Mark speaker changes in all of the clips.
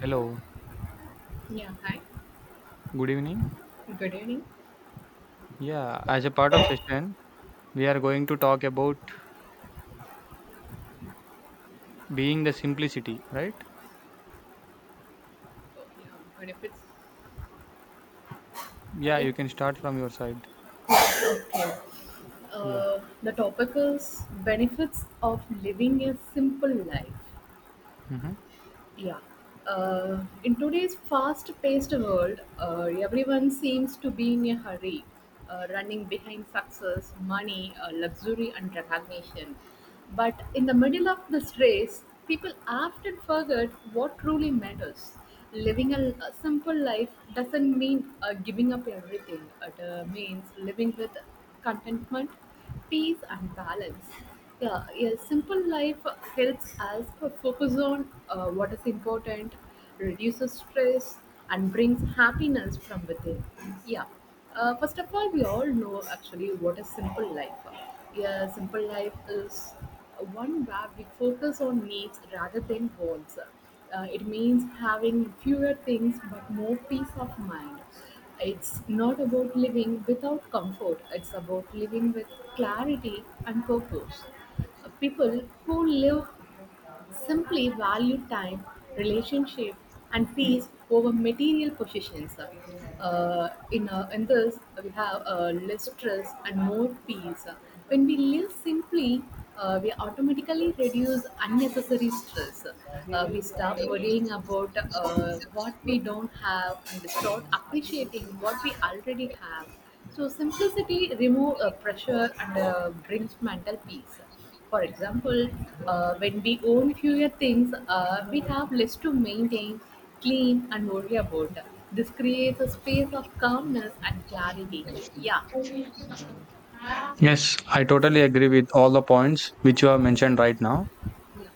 Speaker 1: Hello,
Speaker 2: Yeah, hi.
Speaker 1: good evening.
Speaker 2: Good evening.
Speaker 1: Yeah, as a part of session, we are going to talk about being the simplicity, right?
Speaker 2: So, yeah, benefits.
Speaker 1: Yeah,
Speaker 2: Yeah.
Speaker 1: you can start from your side. Yeah.
Speaker 2: The topic is benefits of living a simple life.
Speaker 1: hmm
Speaker 2: Yeah. In today's fast paced world, everyone seems to be in a hurry, running behind success, money, luxury, and recognition. But in the middle of this race, people often forget what truly matters. Living a simple life doesn't mean giving up everything, it means living with contentment, peace, and balance. Yeah, yeah. Simple life helps us focus on what is important, reduces stress, and brings happiness from within. Yeah. First of all, we all know actually what is simple life. Yeah, simple life is one where we focus on needs rather than wants. It means having fewer things but more peace of mind. It's not about living without comfort, it's about living with clarity and purpose. People who live simply value time, relationship, and peace over material possessions. In this, we have less stress and more peace. When we live simply, we automatically reduce unnecessary stress. We stop worrying about what we don't have and start appreciating what we already have. So simplicity remove pressure and brings mental peace. For example, when we own fewer things, we have less to maintain, clean, and worry about. This creates a space of calmness and clarity. Yeah,
Speaker 1: Yes, I totally agree with all the points which you have mentioned right now.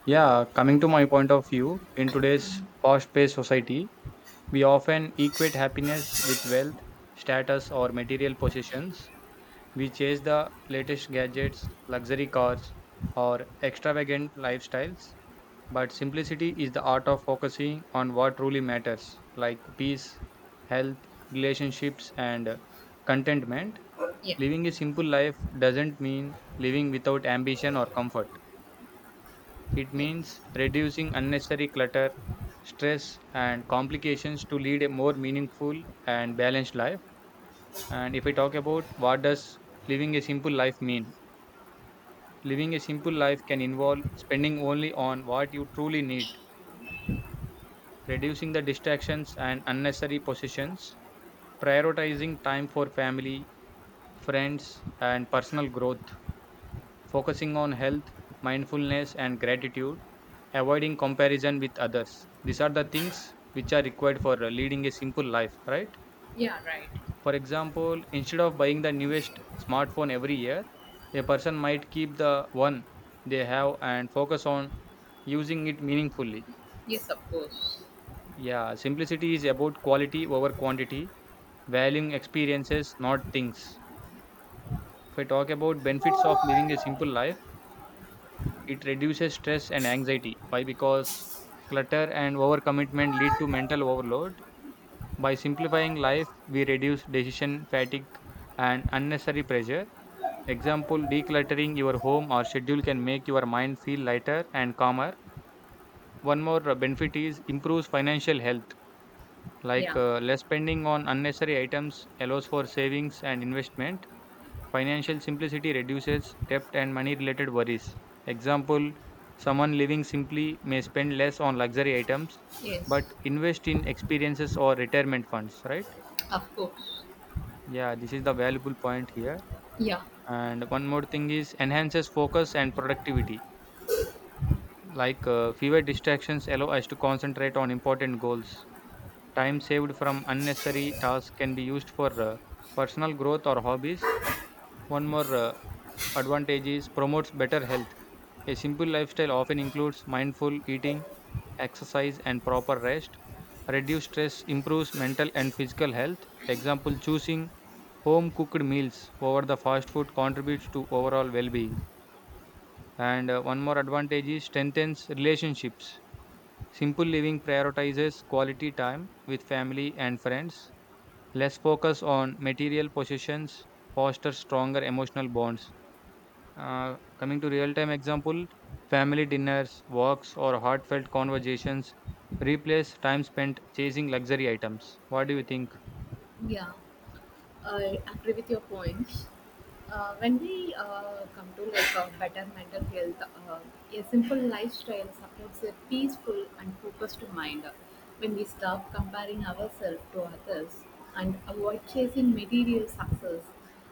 Speaker 1: Yeah, coming to my point of view, in today's fast-paced society, we often equate happiness with wealth, status, or material possessions. We chase the latest gadgets, luxury cars, or extravagant lifestyles. But simplicity is the art of focusing on what truly matters, like peace, health, relationships, and contentment.
Speaker 2: yeah,
Speaker 1: Living a simple life doesn't mean living without ambition or comfort. It
Speaker 2: yes,
Speaker 1: means reducing unnecessary clutter, stress, and complications to lead a more meaningful and balanced life. And if I talk about what does living a simple life mean? Living a simple life can involve spending only on what you truly need, reducing the distractions and unnecessary possessions, prioritizing time for family, friends, and personal growth, focusing on health, mindfulness, and gratitude, avoiding comparison with others. These are the things which are required for leading a simple life, right?
Speaker 2: yeah, right.
Speaker 1: For example, instead of buying the newest smartphone every year, a person might keep the one they have and focus on using it meaningfully.
Speaker 2: Yes, of course.
Speaker 1: Yeah, simplicity is about quality over quantity, valuing experiences, not things. If I talk about benefits of living a simple life, it reduces stress and anxiety. Why? Because clutter and overcommitment lead to mental overload. By simplifying life, we reduce decision fatigue and unnecessary pressure. Example, decluttering your home or schedule can make your mind feel lighter and calmer. One more benefit is improves financial health, like
Speaker 2: Yeah,
Speaker 1: less spending on unnecessary items allows for savings and investment. Financial simplicity reduces debt and money related worries. Example, someone living simply may spend less on luxury items
Speaker 2: yes,
Speaker 1: but invest in experiences or retirement funds, right?
Speaker 2: of course.
Speaker 1: Yeah, this is the valuable point here.
Speaker 2: Yeah,
Speaker 1: And one more thing is enhances focus and productivity. Like fewer distractions allow us to concentrate on important goals. Time saved from unnecessary tasks can be used for personal growth or hobbies. One more advantage is promotes better health. A simple lifestyle often includes mindful eating, exercise, and proper rest. Reduced stress improves mental and physical health. Example, choosing home cooked meals over the fast food contributes to overall well being. And one more advantage is strengthens relationships. Simple living prioritizes quality time with family and friends. Less focus on material possessions fosters stronger emotional bonds. Coming to real time example, family dinners, walks, or heartfelt conversations replace time spent chasing luxury items. What do you think?
Speaker 2: yeah. I agree with your points. When we come to like a better mental health, uh, a simple lifestyle supports a peaceful and focused mind. When we stop comparing ourselves to others and avoid chasing material success,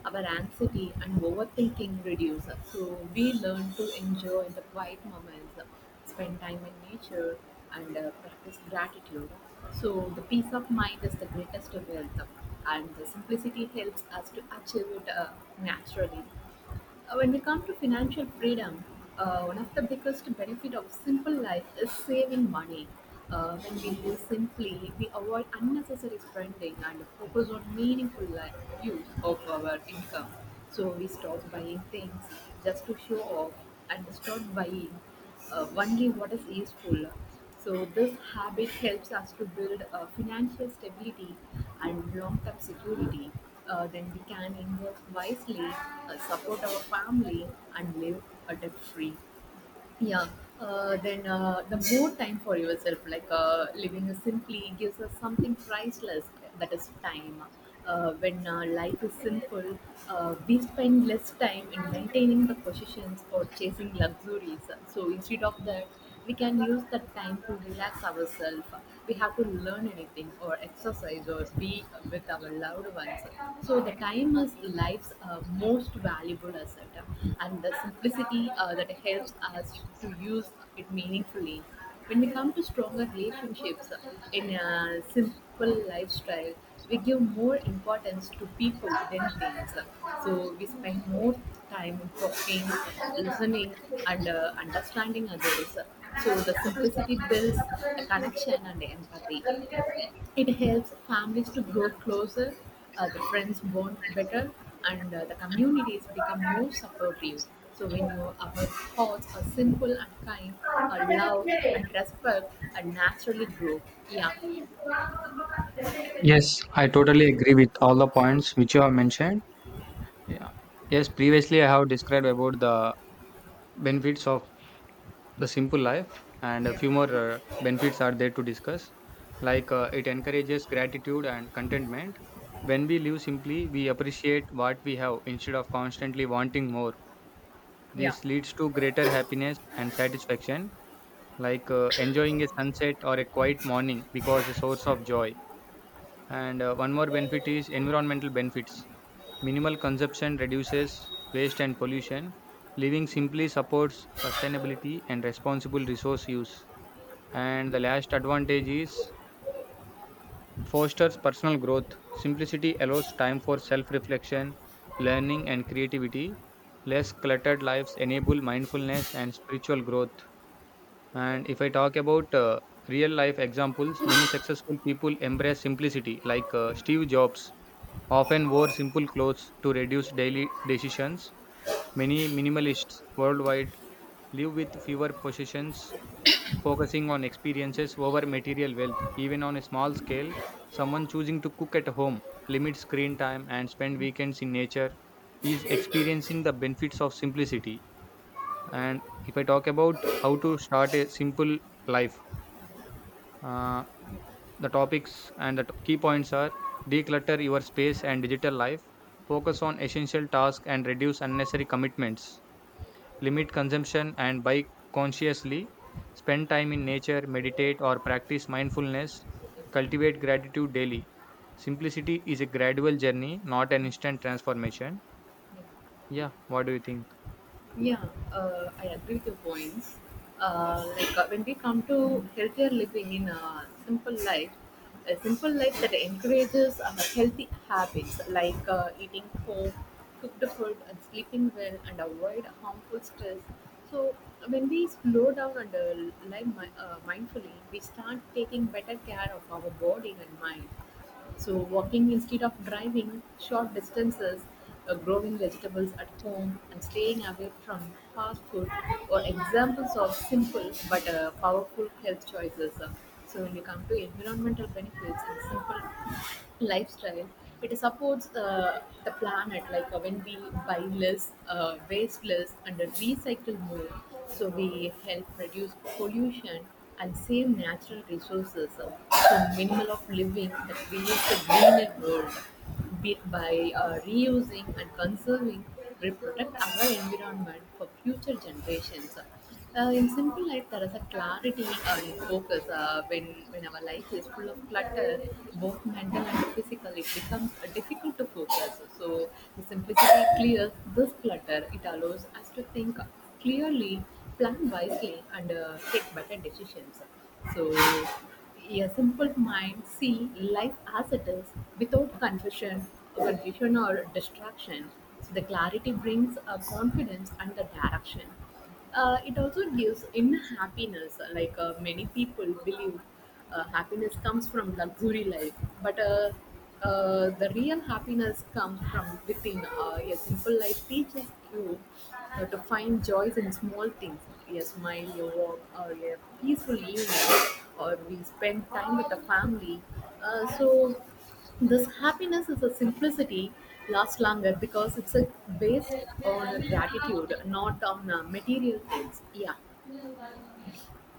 Speaker 2: our anxiety and overthinking reduce. So we learn to enjoy the quiet moments, spend time in nature, and practice gratitude. So the peace of mind is the greatest wealth, and the simplicity helps us to achieve it naturally. When we come to financial freedom, one of the biggest benefit of simple life is saving money. When we live simply, we avoid unnecessary spending and focus on meaningful life use of our income. So we stop buying things just to show off and start buying only what is useful. So this habit helps us to build financial stability and long-term security. Then we can invest wisely, support our family, and live a debt-free. Yeah. Then the more time for yourself, like living simply, gives us something priceless. That is time. When life is simple, we spend less time in maintaining the positions or chasing luxuries. So instead of that we can use that time to relax ourselves, we have to learn anything or exercise or be with our loved ones. So the time is life's most valuable asset and the simplicity that helps us to use it meaningfully. When we come to stronger relationships, in a simple lifestyle we give more importance to people than things, so we spend more time talking, listening, and understanding others. So the simplicity builds a connection and empathy. It helps families to grow closer, the friends bond better, and the communities become more supportive. So when you our thoughts are simple and kind, love and respect naturally grow. Yeah,
Speaker 1: Yes, I totally agree with all the points which you have mentioned. Yeah. Yes, previously I have described about the benefits of the simple life, and a few more benefits are there to discuss, like it encourages gratitude and contentment. When we live simply, we appreciate what we have instead of constantly wanting more.
Speaker 2: yeah.
Speaker 1: This leads to greater happiness and satisfaction, like enjoying a sunset or a quiet morning because a source of joy. And one more benefit is environmental benefits. Minimal consumption reduces waste and pollution. Living simply supports sustainability and responsible resource use, and the last advantage is fosters personal growth. Simplicity allows time for self reflection, learning, and creativity. Less cluttered lives enable mindfulness and spiritual growth. And if I talk about real life examples, many successful people embrace simplicity, like Steve Jobs often wore simple clothes to reduce daily decisions. Many minimalists worldwide live with fewer possessions focusing on experiences over material wealth, even on a small scale. Someone choosing to cook at home, limit screen time, and spend weekends in nature is experiencing the benefits of simplicity. And if I talk about how to start a simple life, uh, the topics and the key points are declutter your space and digital life, focus on essential tasks, and reduce unnecessary commitments, limit consumption and buy consciously, spend time in nature, meditate or practice mindfulness,
Speaker 2: Okay.
Speaker 1: cultivate gratitude daily. Simplicity is a gradual journey, not an instant transformation.
Speaker 2: Yeah.
Speaker 1: Yeah, what do you think?
Speaker 2: Yeah, I agree with your points. Like when we come to healthier living in a simple life that encourages healthy habits like eating home, cooked food, and sleeping well, and avoid harmful stress. So when we slow down and mindfully, we start taking better care of our body and mind. So, walking instead of driving short distances, growing vegetables at home, and staying away from fast food are examples of simple but powerful health choices. So, when you come to environmental benefits and simple lifestyle, it supports the planet. Like when we buy less, waste less and recycle more, so we help reduce pollution and save natural resources. So minimal of living that creates a greener world, be by reusing and conserving, we protect our environment for future generations. In simple life, there is a clarity in focus. When our life is full of clutter, both mental and physical, it becomes difficult to focus. So, the simplicity clears this clutter. It allows us to think clearly, plan wisely, and take better decisions. So, a simple mind see life as it is without confusion or distraction. So, the clarity brings a confidence and the direction. It also gives inner happiness. Like many people believe happiness comes from luxury life, but the real happiness comes from within. A simple life teaches you to find joys in small things, a smile, a walk, or a peaceful evening, or we spend time with the family. So this happiness is a simplicity lasts longer because it's based on a gratitude, not on material things. Yeah.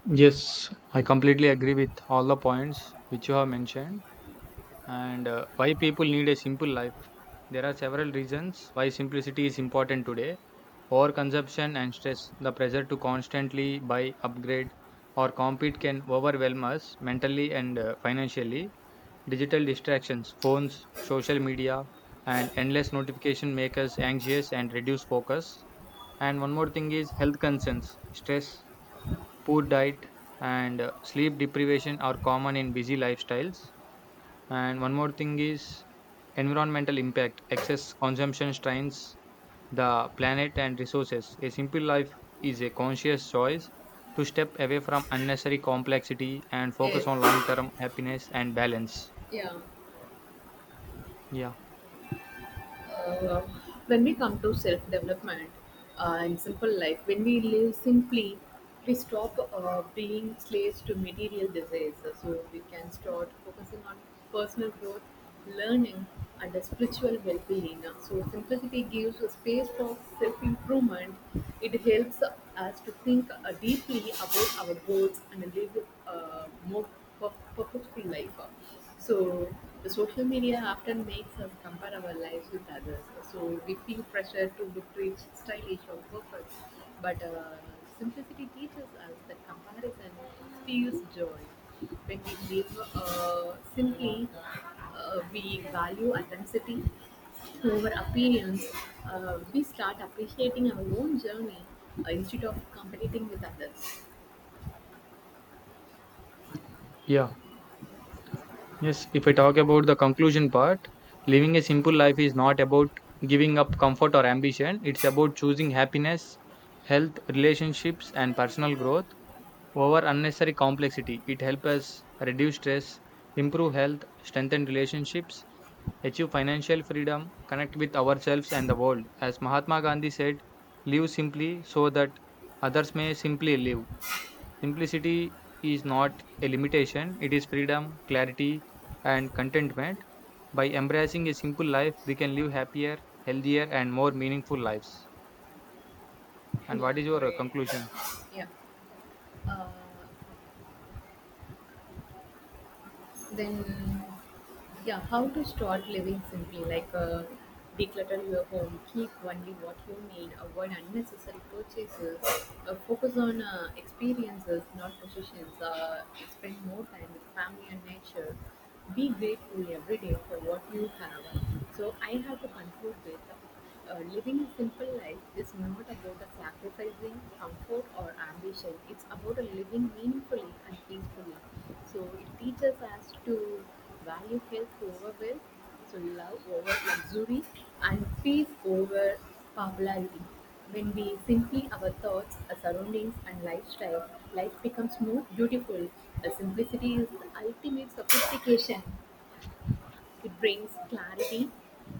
Speaker 1: Yes, I completely agree with all the points which you have mentioned, and why people need a simple life. There are several reasons why simplicity is important today. Overconsumption and stress, the pressure to constantly buy, upgrade, or compete can overwhelm us mentally and financially. Digital distractions, phones, social media, and endless notification make us anxious and reduce focus. And one more thing is health concerns, stress, poor diet, and sleep deprivation are common in busy lifestyles. And one more thing is environmental impact, excess consumption strains the planet and resources. A simple life is a conscious choice to step away from unnecessary complexity and focus on
Speaker 2: Yes.
Speaker 1: long term happiness and balance.
Speaker 2: Yeah.
Speaker 1: Yeah.
Speaker 2: uh, when we come to self development in simple life, when we live simply, we stop being slaves to material desires. So we can start focusing on personal growth, learning, and a spiritual well being. So simplicity gives a space for self improvement. It helps us to think deeply about our goals and live more per- purposeful life. So the social media often makes us compare our lives with others. So we feel pressure to look rich, stylish, or perfect. But simplicity teaches us that comparison steals joy. When we live simply, we value authenticity over appearance. We start appreciating our own journey instead of competing with others.
Speaker 1: Yeah. Yes. If I talk about the conclusion part, living a simple life is not about giving up comfort or ambition, it's about choosing happiness, health, relationships, and personal growth over unnecessary complexity. It helps us reduce stress, improve health, strengthen relationships, achieve financial freedom, connect with ourselves and the world. As Mahatma Gandhi said, live simply so that others may simply live. Simplicity is not a limitation, it is freedom, clarity, and contentment. By embracing a simple life, we can live happier, healthier, and more meaningful lives. And
Speaker 2: Yeah,
Speaker 1: what is your
Speaker 2: great.
Speaker 1: conclusion?
Speaker 2: Yeah. Uh, then yeah, how to start living simply. Like declutter your home, keep only what you need, avoid unnecessary purchases, focus on experiences not possessions, spend more time with family and nature, be grateful every day for what you have. So I have to conclude with living a simple life is not about a sacrificing comfort or ambition. It's about a living meaningfully and peacefully. So it teaches us to value health over wealth, so love over luxury, and peace over popularity. When we simplify our thoughts, our surroundings, and lifestyle, life becomes more beautiful. The simplicity is the ultimate sophistication. It brings clarity,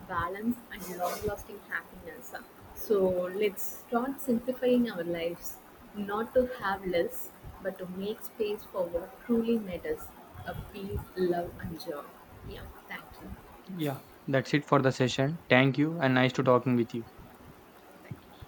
Speaker 2: balance, and long lasting happiness. So let's start simplifying our lives, not to have less, but to make space for what truly matters, a peace, love, and joy. Yeah, thank you.
Speaker 1: That's it for the session. Thank you, and nice to talking with you.
Speaker 2: Thank